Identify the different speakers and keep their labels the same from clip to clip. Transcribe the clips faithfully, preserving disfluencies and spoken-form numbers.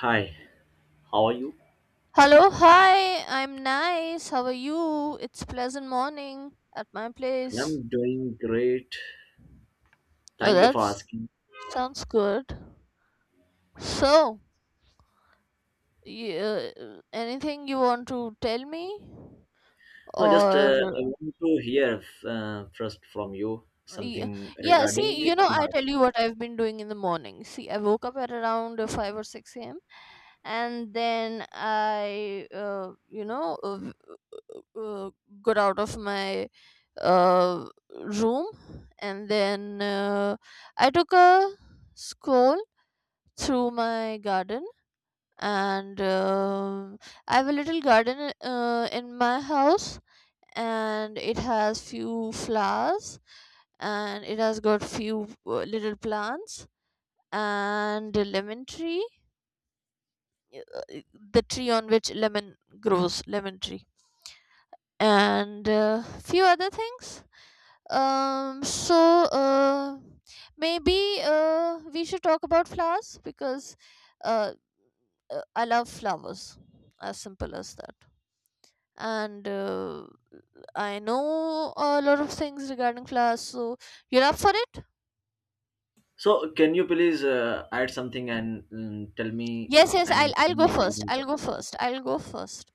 Speaker 1: Hi, how are you?
Speaker 2: Hello, hi, I'm nice. How are you? It's pleasant morning at my place.
Speaker 1: I'm doing great.
Speaker 2: Oh,
Speaker 1: Thank you for
Speaker 2: that
Speaker 1: asking.
Speaker 2: sounds good. So, y uh, anything you want to tell me?
Speaker 1: No, just
Speaker 2: Or,
Speaker 1: uh, I want to hear uh, first from you
Speaker 2: yeah,
Speaker 1: something
Speaker 2: yeah,
Speaker 1: regarding
Speaker 2: see,
Speaker 1: the
Speaker 2: you know, I tell
Speaker 1: class.
Speaker 2: you what I've been doing in the morning. See, I woke up at around uh, five or six a m. And then I, uh, you know, uh, uh, got out of my uh, room, and then uh, I took a stroll through my garden, and um I have a little garden uh, in my house, and it has few flowers, and it has got few uh, little plants and a lemon tree. uh, the tree on which lemon grows, lemon tree, and uh, few other things. Um so uh, maybe uh, we should talk about flowers, because uh, uh, I love flowers, as simple as that. And uh, I know a lot of things regarding flowers, so you're up for it.
Speaker 1: So, can you please uh, add something and um, tell me
Speaker 2: Yes, yes,
Speaker 1: and
Speaker 2: I'll I'll
Speaker 1: inform me
Speaker 2: go first.
Speaker 1: regarding that?
Speaker 2: I'll go first. I'll go first.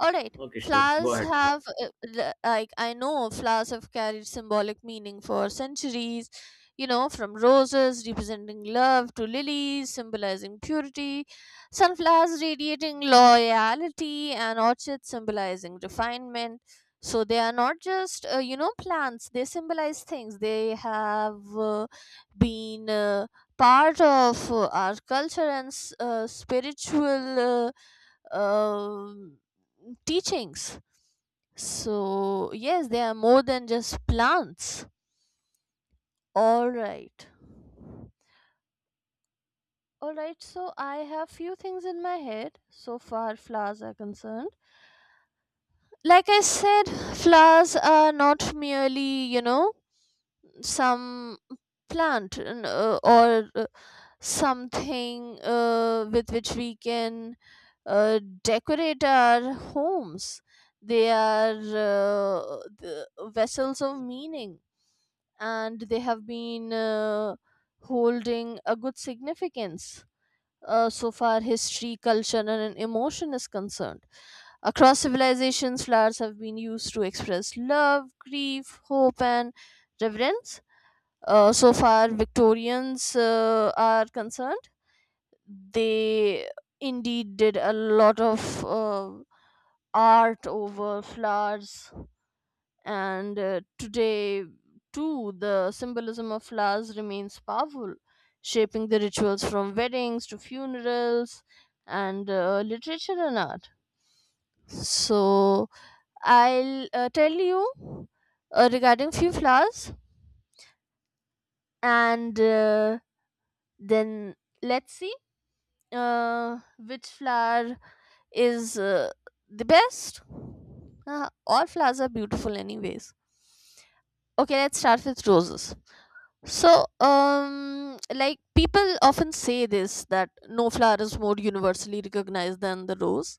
Speaker 2: All right.
Speaker 1: Okay, sure. Go
Speaker 2: Flowers
Speaker 1: ahead.
Speaker 2: have uh, the- like I know flowers have carried symbolic meaning for centuries. You know, from roses representing love, to lilies symbolizing purity, sunflowers radiating loyalty, and orchids symbolizing refinement. So they are not just uh, you know plants. They symbolize things. They have uh, been. Uh, part of uh, our culture and s- uh, spiritual uh, um teachings. So, yes, they are more than just plants. All right. All right, so I have few things in my head so far flowers are concerned. Like I said, flowers are not merely, you know, some plant n- uh, or uh, something uh, with which we can uh, decorate our homes. They are uh, the vessels of meaning, and they have been uh, holding a good significance uh, so far history, culture, and emotion is concerned. Across civilizations, flowers have been used to express love, grief, hope, and reverence. Uh, so far, Victorians uh, are concerned. They indeed did a lot of uh, art over flowers, and uh, today too the symbolism of flowers remains powerful, shaping the rituals from weddings to funerals and uh, literature and art. So I'll uh, tell you uh, regarding few flowers, and uh, then let's see uh, which flower is uh, the best. Uh, all flowers are beautiful anyways. Okay, let's start with roses. So um like people often say this, that no flower is more universally recognized than the rose.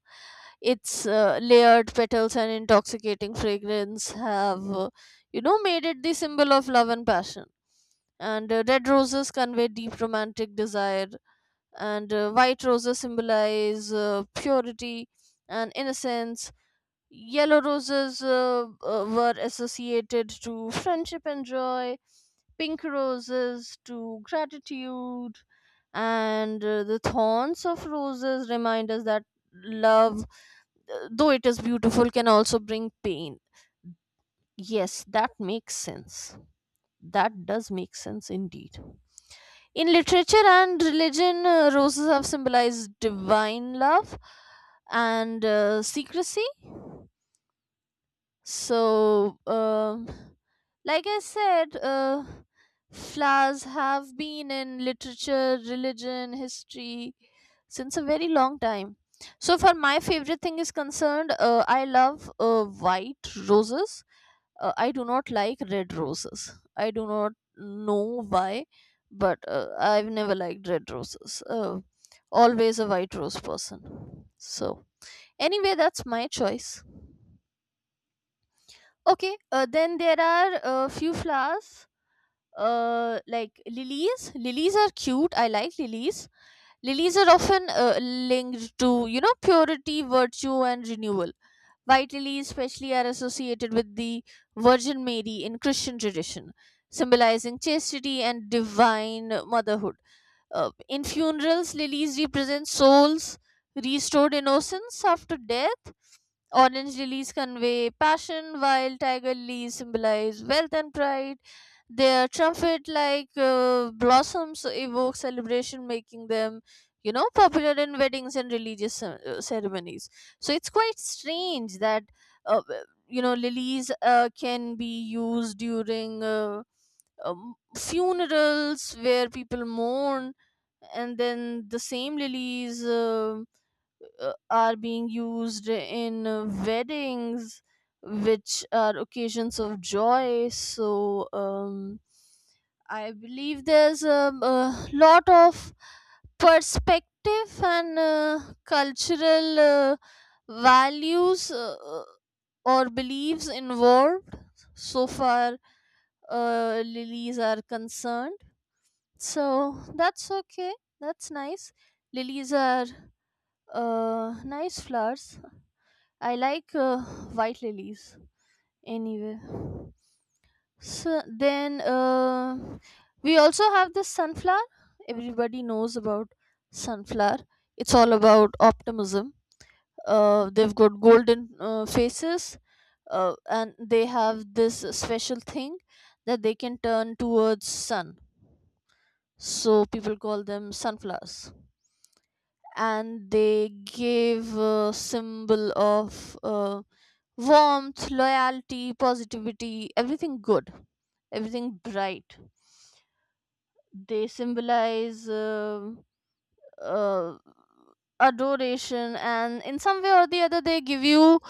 Speaker 2: Its uh, layered petals and intoxicating fragrance have uh, you know made it the symbol of love and passion. And uh, red roses convey deep romantic desire, and uh, white roses symbolize uh, purity and innocence. Yellow roses uh, uh, were associated to friendship and joy, pink roses to gratitude, and uh, the thorns of roses remind us that love, uh, though it is beautiful, can also bring pain. Yes, that makes sense. That does make sense indeed. In literature and religion, uh, roses have symbolized divine love and uh, secrecy. So, um, like I said, uh, flowers have been in literature, religion, history since a very long time. So, for my favorite thing is concerned, uh, I love uh, white roses. Uh, I do not like red roses. I do not know why, but uh, I've never liked red roses. Uh, always a white rose person. So, anyway, that's my choice. Okay, uh, then there are a few flowers uh, like lilies. Lilies are cute. I like lilies. Lilies are often uh, linked to, you know, purity, virtue, and renewal. White lilies, especially, are associated with the Virgin Mary in Christian tradition, symbolizing chastity and divine motherhood. Uh, in funerals, lilies represent souls, restored innocence after death. Orange lilies convey passion, while tiger lilies symbolize wealth and pride. Their trumpet like uh, blossoms evoke celebration, making them, you know, popular in weddings and religious uh, ceremonies. So it's quite strange that, uh, you know, lilies uh, can be used during uh, um, funerals where people mourn, and then the same lilies. um uh, are being used in uh, weddings, which are occasions of joy. So um, I believe there's a, a lot of perspective and uh, cultural uh, values uh, uh, or beliefs involved so far uh, lilies are concerned. So that's okay. That's nice. Lilies are uh, nice flowers. I like uh, white lilies. Anyway, so then uh, we also have this sunflower. Everybody knows about sunflower. It's all about optimism. Uh, they've got golden uh, faces, uh, and they have this special thing that they can turn towards sun. So people call them sunflowers, and they give a symbol of. Uh, warmth, loyalty, positivity, everything good, everything bright. They symbolize uh, uh, adoration, and in some way or the other, they give you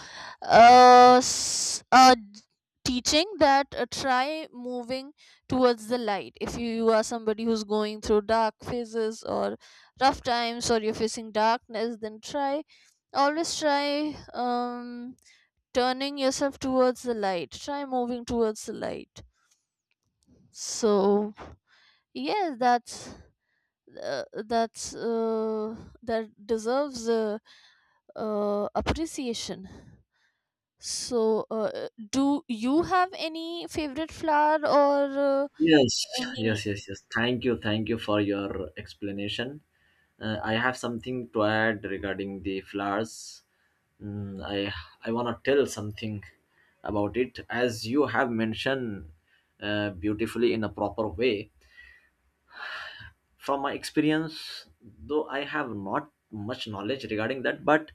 Speaker 2: uh, s- a d- teaching that uh, try moving towards the light. If you are somebody who's going through dark phases or rough times, or you're facing darkness, then try always try. Um, turning yourself towards the light, try moving towards the light. So yes, that's uh, that's uh, that deserves uh, uh, appreciation. So uh, do you have any favorite flower or uh,
Speaker 1: Yes,
Speaker 2: any
Speaker 1: yes, yes, yes. Thank you, thank you for your explanation. Uh, I have something to add regarding the flowers. Mm, I I wanna tell something about it as you have mentioned uh, beautifully in a proper way. From my experience, though I have not much knowledge regarding that, but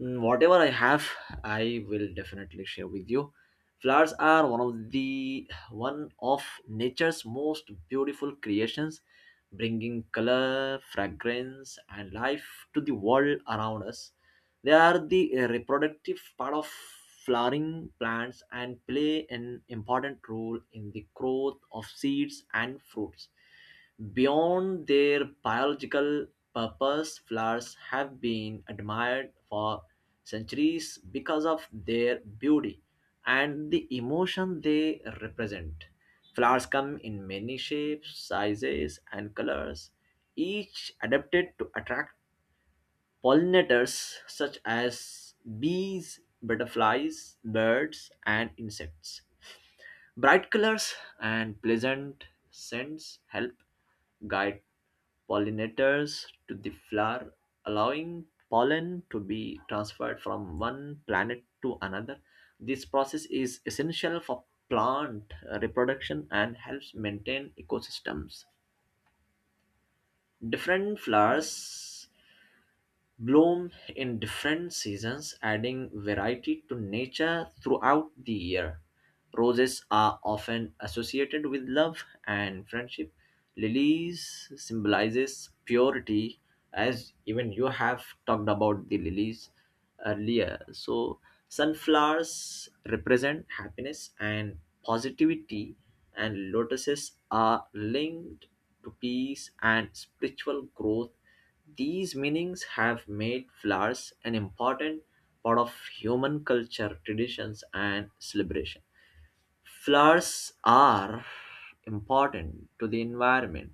Speaker 1: Mm, whatever I have, I will definitely share with you. Flowers are one of the one of nature's most beautiful creations, bringing color, fragrance, and life to the world around us. They are the uh, reproductive part of flowering plants and play an important role in the growth of seeds and fruits. Beyond their biological purpose, flowers have been admired for centuries because of their beauty and the emotion they represent. Flowers come in many shapes, sizes, and colors, each adapted to attract pollinators such as bees, butterflies, birds, and insects. Bright colors and pleasant scents help guide pollinators to the flower, allowing pollen to be transferred from one planet to another. This process is essential for plant reproduction and helps maintain ecosystems. Different flowers bloom in different seasons, adding variety to nature throughout the year. Roses are often associated with love and friendship. Lilies symbolizes purity, as even you have talked about the lilies earlier. So sunflowers represent happiness and positivity, and lotuses are linked to peace and spiritual growth. These meanings have made flowers an important part of human culture, traditions, and celebration. Flowers are important to the environment.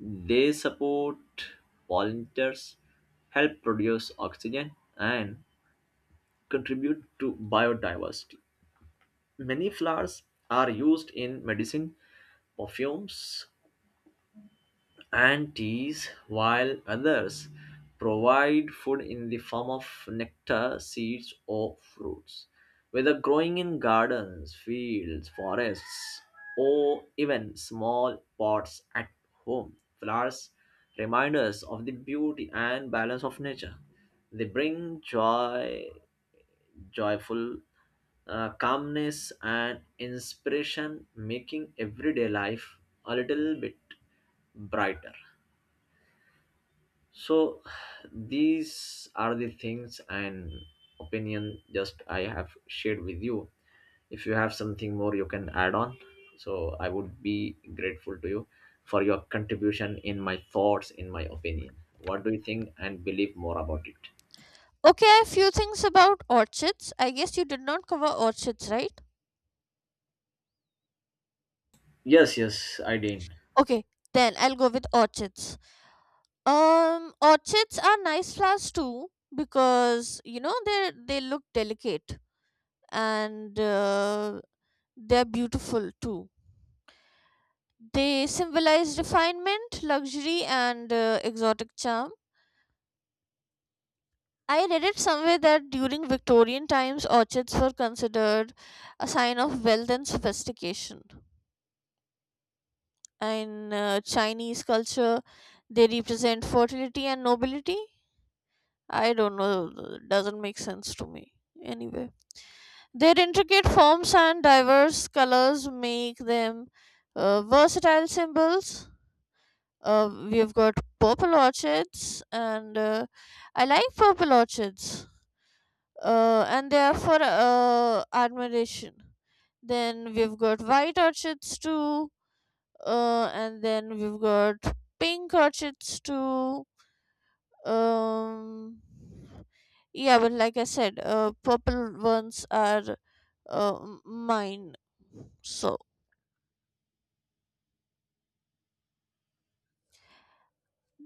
Speaker 1: They support pollinators, help produce oxygen, and contribute to biodiversity. Many flowers are used in medicine, perfumes, and teas, while others provide food in the form of nectar, seeds, or fruits. Whether growing in gardens, fields, forests, or even small pots at home, flowers remind us of the beauty and balance of nature. They bring joy, joyful uh, calmness, and inspiration, making everyday life a little bit brighter. So these are the things and opinion just I have shared with you. If you have something more you can add on. So I would be grateful to you for your contribution in my thoughts, in my opinion. What do you think and believe more about it?
Speaker 2: Okay, a few things about orchids. I guess you did not cover orchids, right?
Speaker 1: Yes, yes, I did.
Speaker 2: Okay, then I'll go with orchids. Um, orchids are nice flowers too, because you know they they look delicate, and uh, they're beautiful too. They symbolize refinement, luxury, and uh, exotic charm. I read it somewhere that during Victorian times, orchids were considered a sign of wealth and sophistication. In uh, Chinese culture, they represent fertility and nobility. I don't know, doesn't make sense to me. Anyway. Their intricate forms and diverse colors make them uh, versatile symbols. Uh, we've got purple orchids, and uh, I like purple orchids, uh, and they are for uh, admiration. Then we've got white orchids too, uh, and then we've got pink orchids too. Um, yeah, but like I said, uh, purple ones are uh, mine. So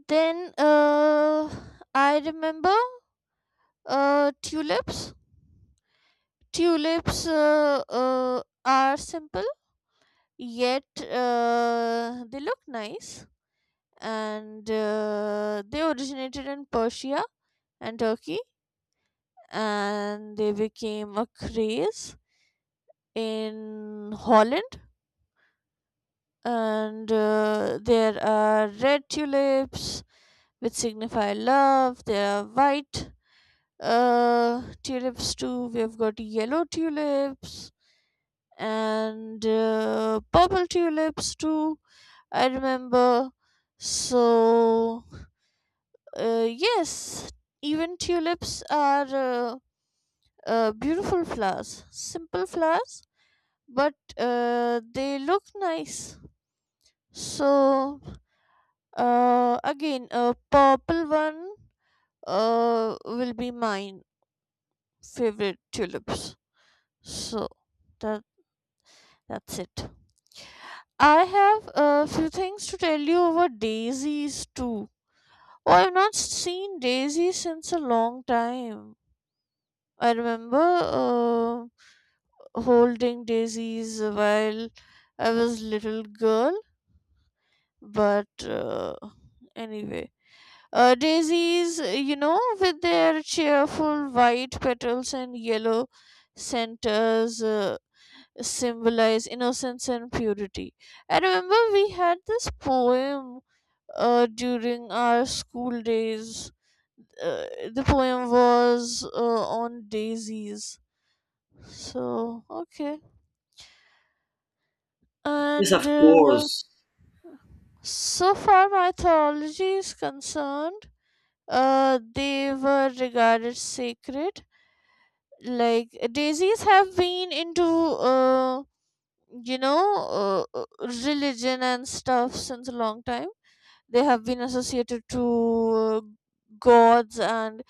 Speaker 2: then uh, I remember uh, tulips. Tulips uh, uh, are simple, yet uh, they look nice. And uh, they originated in Persia and Turkey, and they became a craze in Holland. And uh, there are red tulips which signify love. There are white uh, tulips too. We've got yellow tulips and uh, purple tulips too, I remember. So uh, yes, even tulips are uh, uh, beautiful flowers, simple flowers, but uh, they look nice. So Uh, again, a purple one uh, will be my favorite tulips. So that that's it. I have a few things to tell you about daisies too. Oh, I've not seen daisies since a long time. I remember uh, holding daisies while I was little girl, but uh, anyway. Uh, daisies, uh, you know, with their cheerful white petals and yellow centers, uh, symbolize innocence and purity. I remember we had this poem uh, during our school days. Uh, the poem was uh, on daisies. So, okay.
Speaker 1: Yes,
Speaker 2: And
Speaker 1: of
Speaker 2: uh,
Speaker 1: course.
Speaker 2: so far mythology is concerned, uh, they were regarded sacred. Like daisies have been into uh, you know uh, uh, religion and stuff since a long time. They have been associated to uh, gods and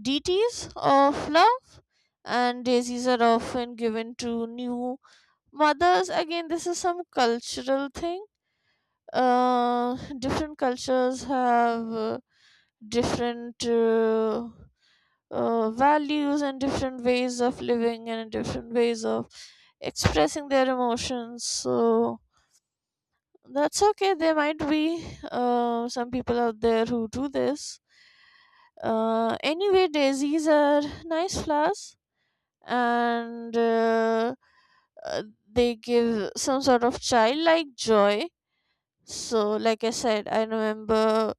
Speaker 2: deities of love. And daisies are often given to new mothers. Again, this is some cultural thing. Uh, different cultures have uh, different uh, uh, values and different ways of living and different ways of expressing their emotions. So that's okay. There might be uh, some people out there who do this. Uh, anyway, daisies are nice flowers, and uh, uh, they give some sort of childlike joy. So, like I said, I remember,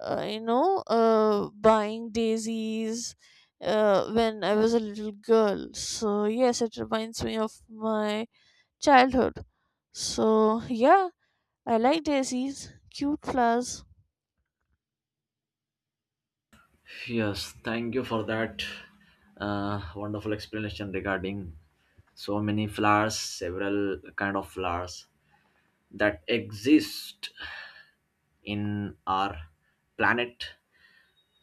Speaker 2: uh, you know, uh, buying daisies uh, when I was a little girl. So, yes, it reminds me of my childhood. So yeah, I like daisies, cute flowers.
Speaker 1: Yes, thank you for that uh, wonderful explanation regarding so many flowers, several kind of flowers that exist in our planet.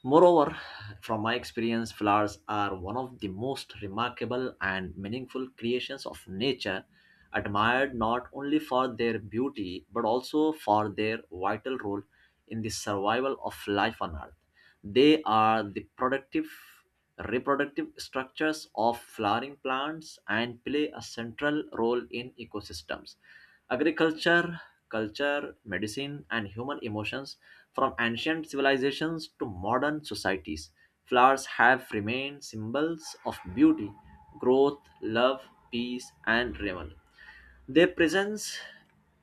Speaker 1: Moreover, from my experience, flowers are one of the most remarkable and meaningful creations of nature, admired not only for their beauty but also for their vital role in the survival of life on earth. They are the productive reproductive structures of flowering plants and play a central role in ecosystems. Agriculture, culture, medicine, and human emotions from ancient civilizations to modern societies, flowers have remained symbols of beauty, growth, love, peace, and renewal. Their presence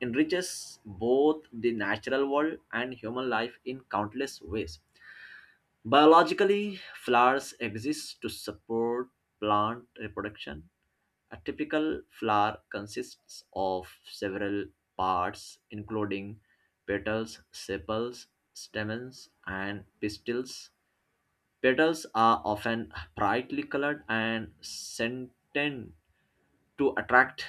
Speaker 1: enriches both the natural world and human life in countless ways. Biologically, flowers exist to support plant reproduction. A typical flower consists of several parts, including petals, sepals, stamens, and pistils. Petals are often brightly colored and scented to attract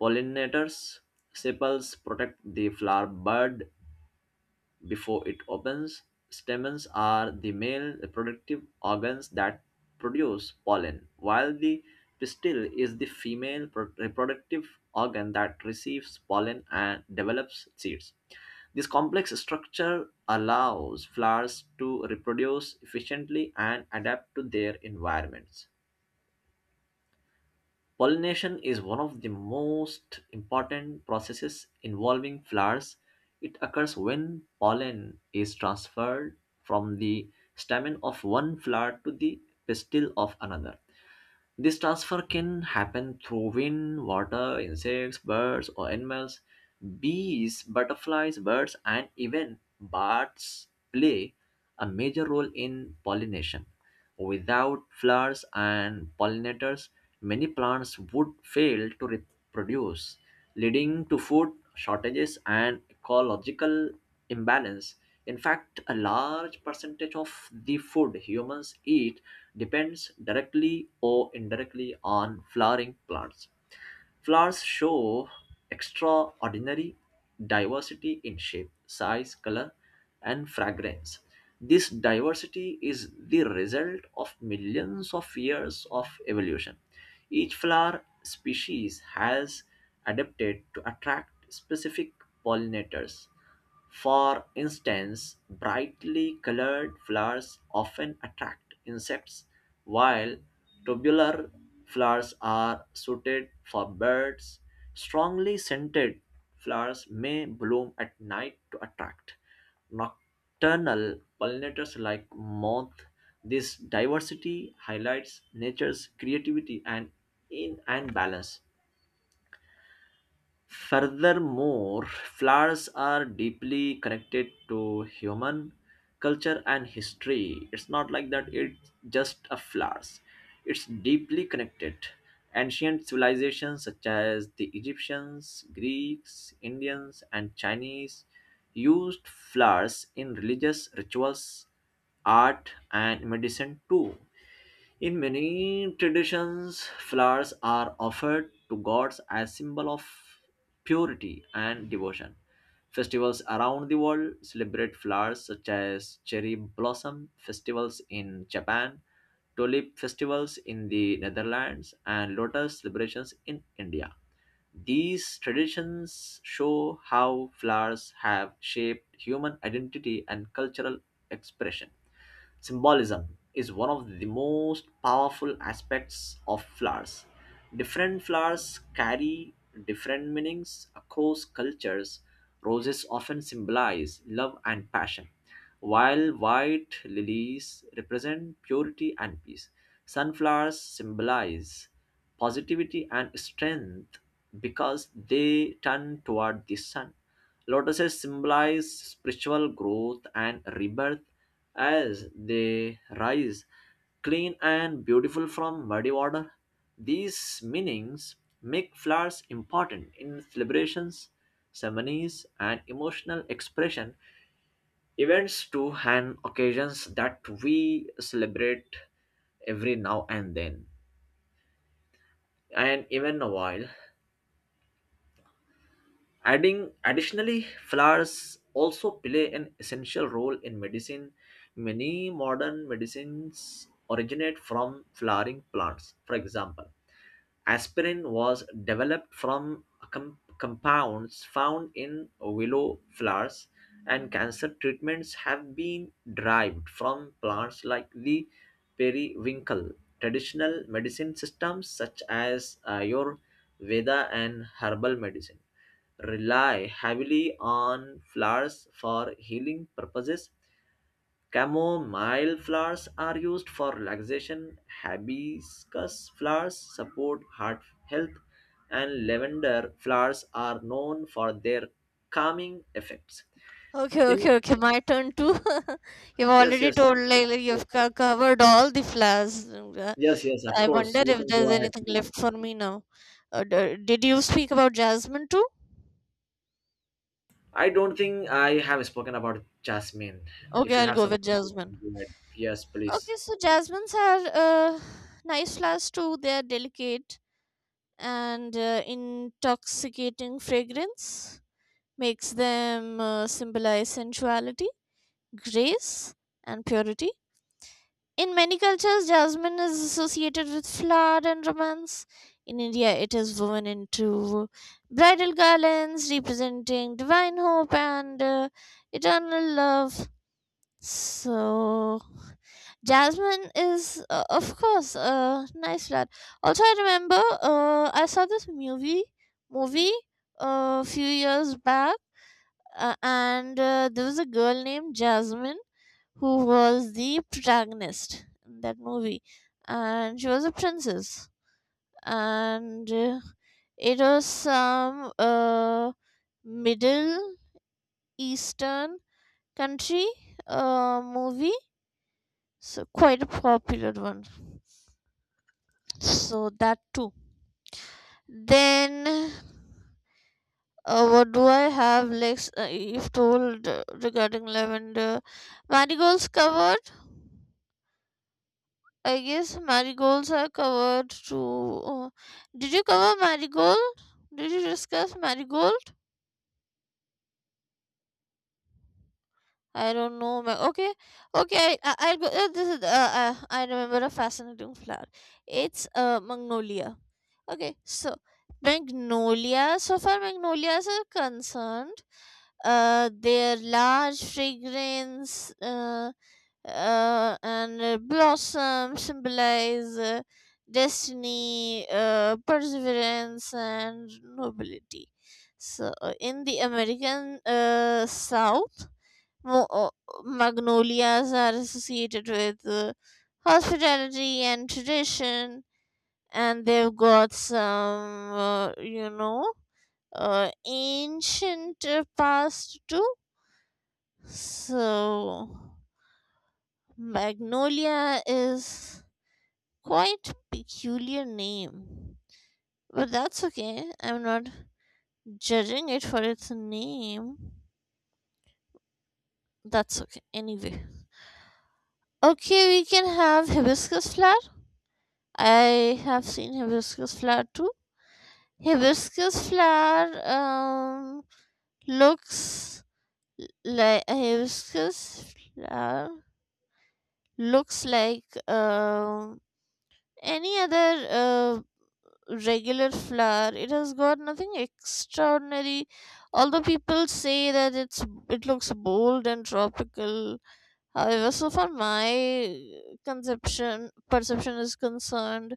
Speaker 1: pollinators. Sepals protect the flower bud before it opens. Stamens are the male reproductive organs that produce pollen, while the pistil is the female pro- reproductive organ that receives pollen and develops seeds. This complex structure allows flowers to reproduce efficiently and adapt to their environments. Pollination is one of the most important processes involving flowers. It occurs when pollen is transferred from the stamen of one flower to the pistil of another. This transfer can happen through wind, water, insects, birds, or animals. Bees, butterflies, birds, and even bats play a major role in pollination. Without flowers and pollinators, many plants would fail to reproduce, leading to food shortages and ecological imbalance. In fact, a large percentage of the food humans eat depends directly or indirectly on flowering plants. Flowers show extraordinary diversity in shape, size, color, and fragrance. This diversity is the result of millions of years of evolution. Each flower species has adapted to attract specific pollinators. For instance, brightly colored flowers often attract insects, while tubular flowers are suited for birds. Strongly scented flowers may bloom at night to attract nocturnal pollinators like moth. This diversity highlights nature's creativity and in and balance. Furthermore, flowers are deeply connected to human culture and history. It's not like that it's just a flowers. It's deeply connected. Ancient civilizations such as the Egyptians, Greeks, Indians, and Chinese used flowers in religious rituals, art, and medicine too. In many traditions, flowers are offered to gods as symbol of purity and devotion. Festivals around the world celebrate flowers such as cherry blossom festivals in Japan, tulip festivals in the Netherlands, and lotus celebrations in India. These traditions show how flowers have shaped human identity and cultural expression. Symbolism is one of the most powerful aspects of flowers. Different flowers carry different meanings across cultures. Roses often symbolize love and passion, while white lilies represent purity and peace. Sunflowers symbolize positivity and strength because they turn toward the sun. Lotuses symbolize spiritual growth and rebirth as they rise clean and beautiful from muddy water. These meanings make flowers important in celebrations, ceremonies, and emotional expression, events to and occasions that we celebrate every now and then and even a while. Adding additionally, flowers also play an essential role in medicine. Many modern medicines originate from flowering plants. For example, Aspirin was developed from com- compounds found in willow flowers, and cancer treatments have been derived from plants like the periwinkle. Traditional medicine systems such as Ayurveda and herbal medicine rely heavily on flowers for healing purposes. Chamomile flowers are used for relaxation, hibiscus flowers support heart health, and lavender flowers are known for their calming effects.
Speaker 2: Okay,
Speaker 1: In
Speaker 2: okay, okay. My turn too. You've
Speaker 1: Yes,
Speaker 2: already
Speaker 1: yes,
Speaker 2: told like, like you've co- covered all the flowers. Uh,
Speaker 1: yes, yes, of
Speaker 2: I
Speaker 1: course,
Speaker 2: wonder
Speaker 1: you
Speaker 2: if
Speaker 1: can
Speaker 2: there's
Speaker 1: go ahead.
Speaker 2: anything
Speaker 1: Please.
Speaker 2: left for me now. Uh, d- did you speak about jasmine too?
Speaker 1: I don't think I have spoken about jasmine.
Speaker 2: Okay,
Speaker 1: If you
Speaker 2: I'll
Speaker 1: have
Speaker 2: go
Speaker 1: something,
Speaker 2: with
Speaker 1: you
Speaker 2: jasmine.
Speaker 1: can go ahead. Yes, please.
Speaker 2: Okay, so jasmines are uh, nice flowers too. They are delicate, and uh, intoxicating fragrance makes them uh, symbolize sensuality, grace, and purity. In many cultures, jasmine is associated with flower and romance. In India, it is woven into bridal garlands representing divine hope and uh, eternal love. So, jasmine is, uh, of course, a nice flower. Also, I remember uh, I saw this movie movie a few years back, uh, and uh, there was a girl named Jasmine who was the protagonist in that movie, and she was a princess, and uh, it was some uh, Middle Eastern country uh, movie, so quite a popular one. So that too. Then uh, what do I have? Like uh, you've told uh, regarding lavender, marigolds covered. I guess marigolds are covered too. Oh, did you cover marigold? Did you discuss marigold? I don't know. ma- Okay, okay. I, I, will go. Uh, this is. Uh, uh, I remember a fascinating flower. It's uh, magnolia. Okay, so magnolias. So far, magnolias are concerned. Uh, their large fragrance uh, uh, and uh, blossom symbolize uh, destiny, uh, perseverance, and nobility. So, uh, in the American uh, South, Mo- uh, magnolias are associated with uh, hospitality and tradition, and they've got some, uh, you know, uh, ancient uh, past too. So, magnolia is quite peculiar name, but that's okay. I'm not judging it for its name. That's okay. Anyway, okay, we can have hibiscus flower. I have seen hibiscus flower too. Hibiscus flower um, looks like, hibiscus flower looks like um, any other uh, regular flower. It has got nothing extraordinary. Although people say that it's it looks bold and tropical. However, so far my conception perception is concerned,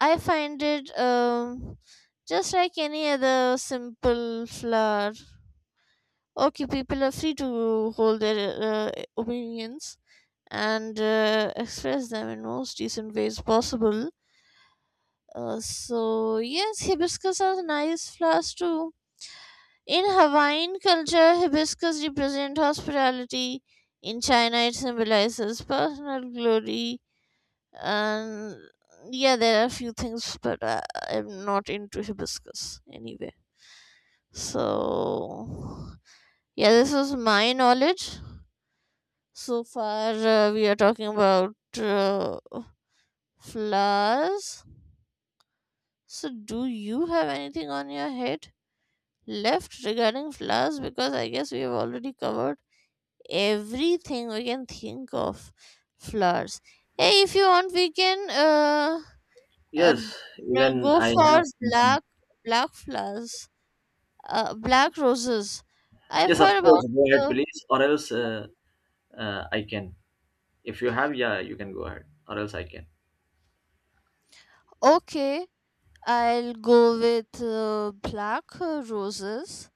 Speaker 2: I find it um, just like any other simple flower. Okay, people are free to hold their uh, opinions and uh, express them in most decent ways possible. Uh, so, yes, hibiscus are nice flowers too. In Hawaiian culture, hibiscus represent hospitality. In China, it symbolizes personal glory and yeah, there are a few things, but I, I'm not into hibiscus anyway. So yeah, this is my knowledge so far uh, we are talking about uh, flowers. So do you have anything on your head left regarding flowers? Because I guess we have already covered everything we can think of flowers. Hey, if you want we can uh uh,
Speaker 1: Yes,
Speaker 2: no,
Speaker 1: even
Speaker 2: go
Speaker 1: I
Speaker 2: for
Speaker 1: have something.
Speaker 2: black. Black flowers, uh, black roses, I've
Speaker 1: Yes, of
Speaker 2: heard
Speaker 1: course,
Speaker 2: about.
Speaker 1: go ahead,
Speaker 2: uh,
Speaker 1: please, or else uh, uh, I can. If you have, yeah, you can go ahead, or else I can.
Speaker 2: okay, I'll go with uh, black uh, roses.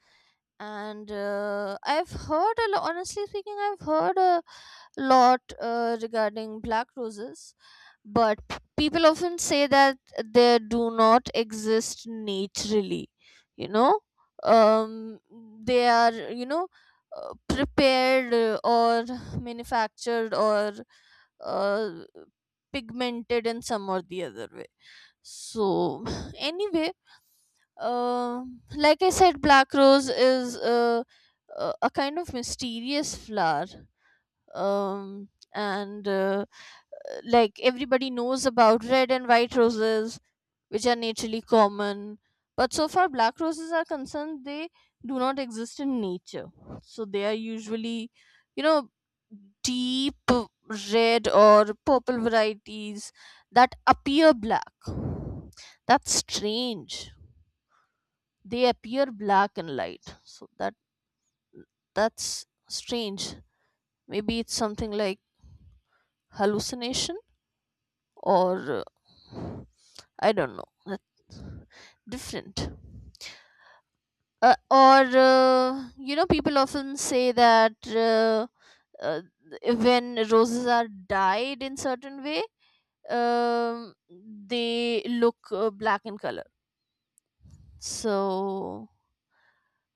Speaker 2: And uh, I've heard a lot, honestly speaking, I've heard a lot uh, regarding black roses, but people often say that they do not exist naturally. You know, um, they are, you know, uh, prepared uh, or manufactured or uh, pigmented in some or the other way. So anyway, uh, like I said, black rose is uh, uh, a kind of mysterious flower, um, and uh, like everybody knows about red and white roses which are naturally common, but so far black roses are concerned, they do not exist in nature. So they are usually, you know, deep red or purple varieties that appear black. That's strange. They appear black in light, so that that's strange. Maybe it's something like hallucination, or uh, I don't know, that's different. Uh, or uh, you know, people often say that uh, uh, when roses are dyed in certain way, um, they look uh, black in color. So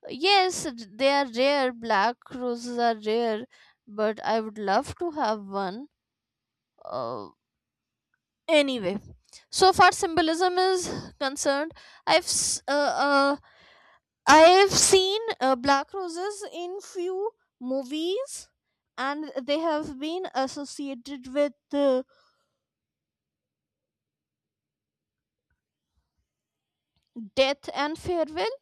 Speaker 2: yes, they are rare. Black roses are rare, but I would love to have one. Uh, Anyway, so far symbolism is concerned, I've s- uh, uh, I've seen uh, black roses in few movies, and they have been associated with uh, death and farewell.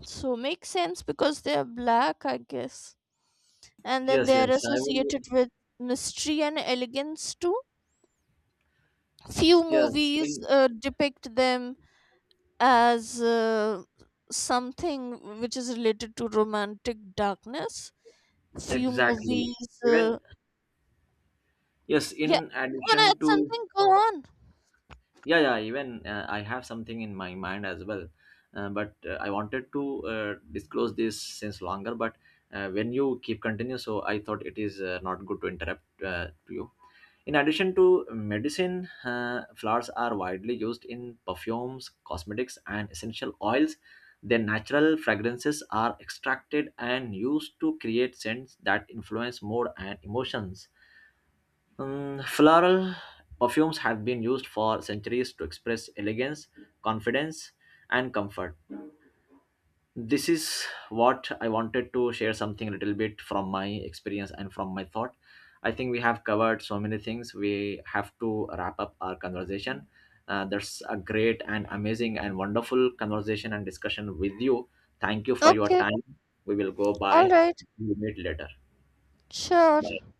Speaker 2: So makes sense because they are black, I guess, and then
Speaker 1: Yes,
Speaker 2: they are
Speaker 1: yes, I will.
Speaker 2: associated with mystery and elegance too. Few
Speaker 1: Yes,
Speaker 2: movies
Speaker 1: in
Speaker 2: uh, depict them as uh, something which is related to romantic darkness. Few
Speaker 1: Exactly.
Speaker 2: movies.
Speaker 1: Even
Speaker 2: Uh,
Speaker 1: yes,
Speaker 2: yeah,
Speaker 1: in
Speaker 2: you wanna add
Speaker 1: addition to
Speaker 2: something? Go on.
Speaker 1: Yeah, yeah. Even uh, I have something in my mind as well, uh, but uh, I wanted to uh, disclose this since longer. But uh, when you keep continue, so I thought it is uh, not good to interrupt uh, you. In addition to medicine, uh, flowers are widely used in perfumes, cosmetics, and essential oils. Their natural fragrances are extracted and used to create scents that influence mood and emotions. Um, floral perfumes have been used for centuries to express elegance, confidence, and comfort. This is what I wanted to share, something a little bit from my experience and from my thought. I think we have covered so many things. We have to wrap up our conversation. Uh, that's a great and amazing and wonderful conversation and discussion with you. Thank you for your
Speaker 2: Okay,
Speaker 1: time. We will go
Speaker 2: all
Speaker 1: by,
Speaker 2: right,
Speaker 1: we meet later.
Speaker 2: sure.
Speaker 1: Bye.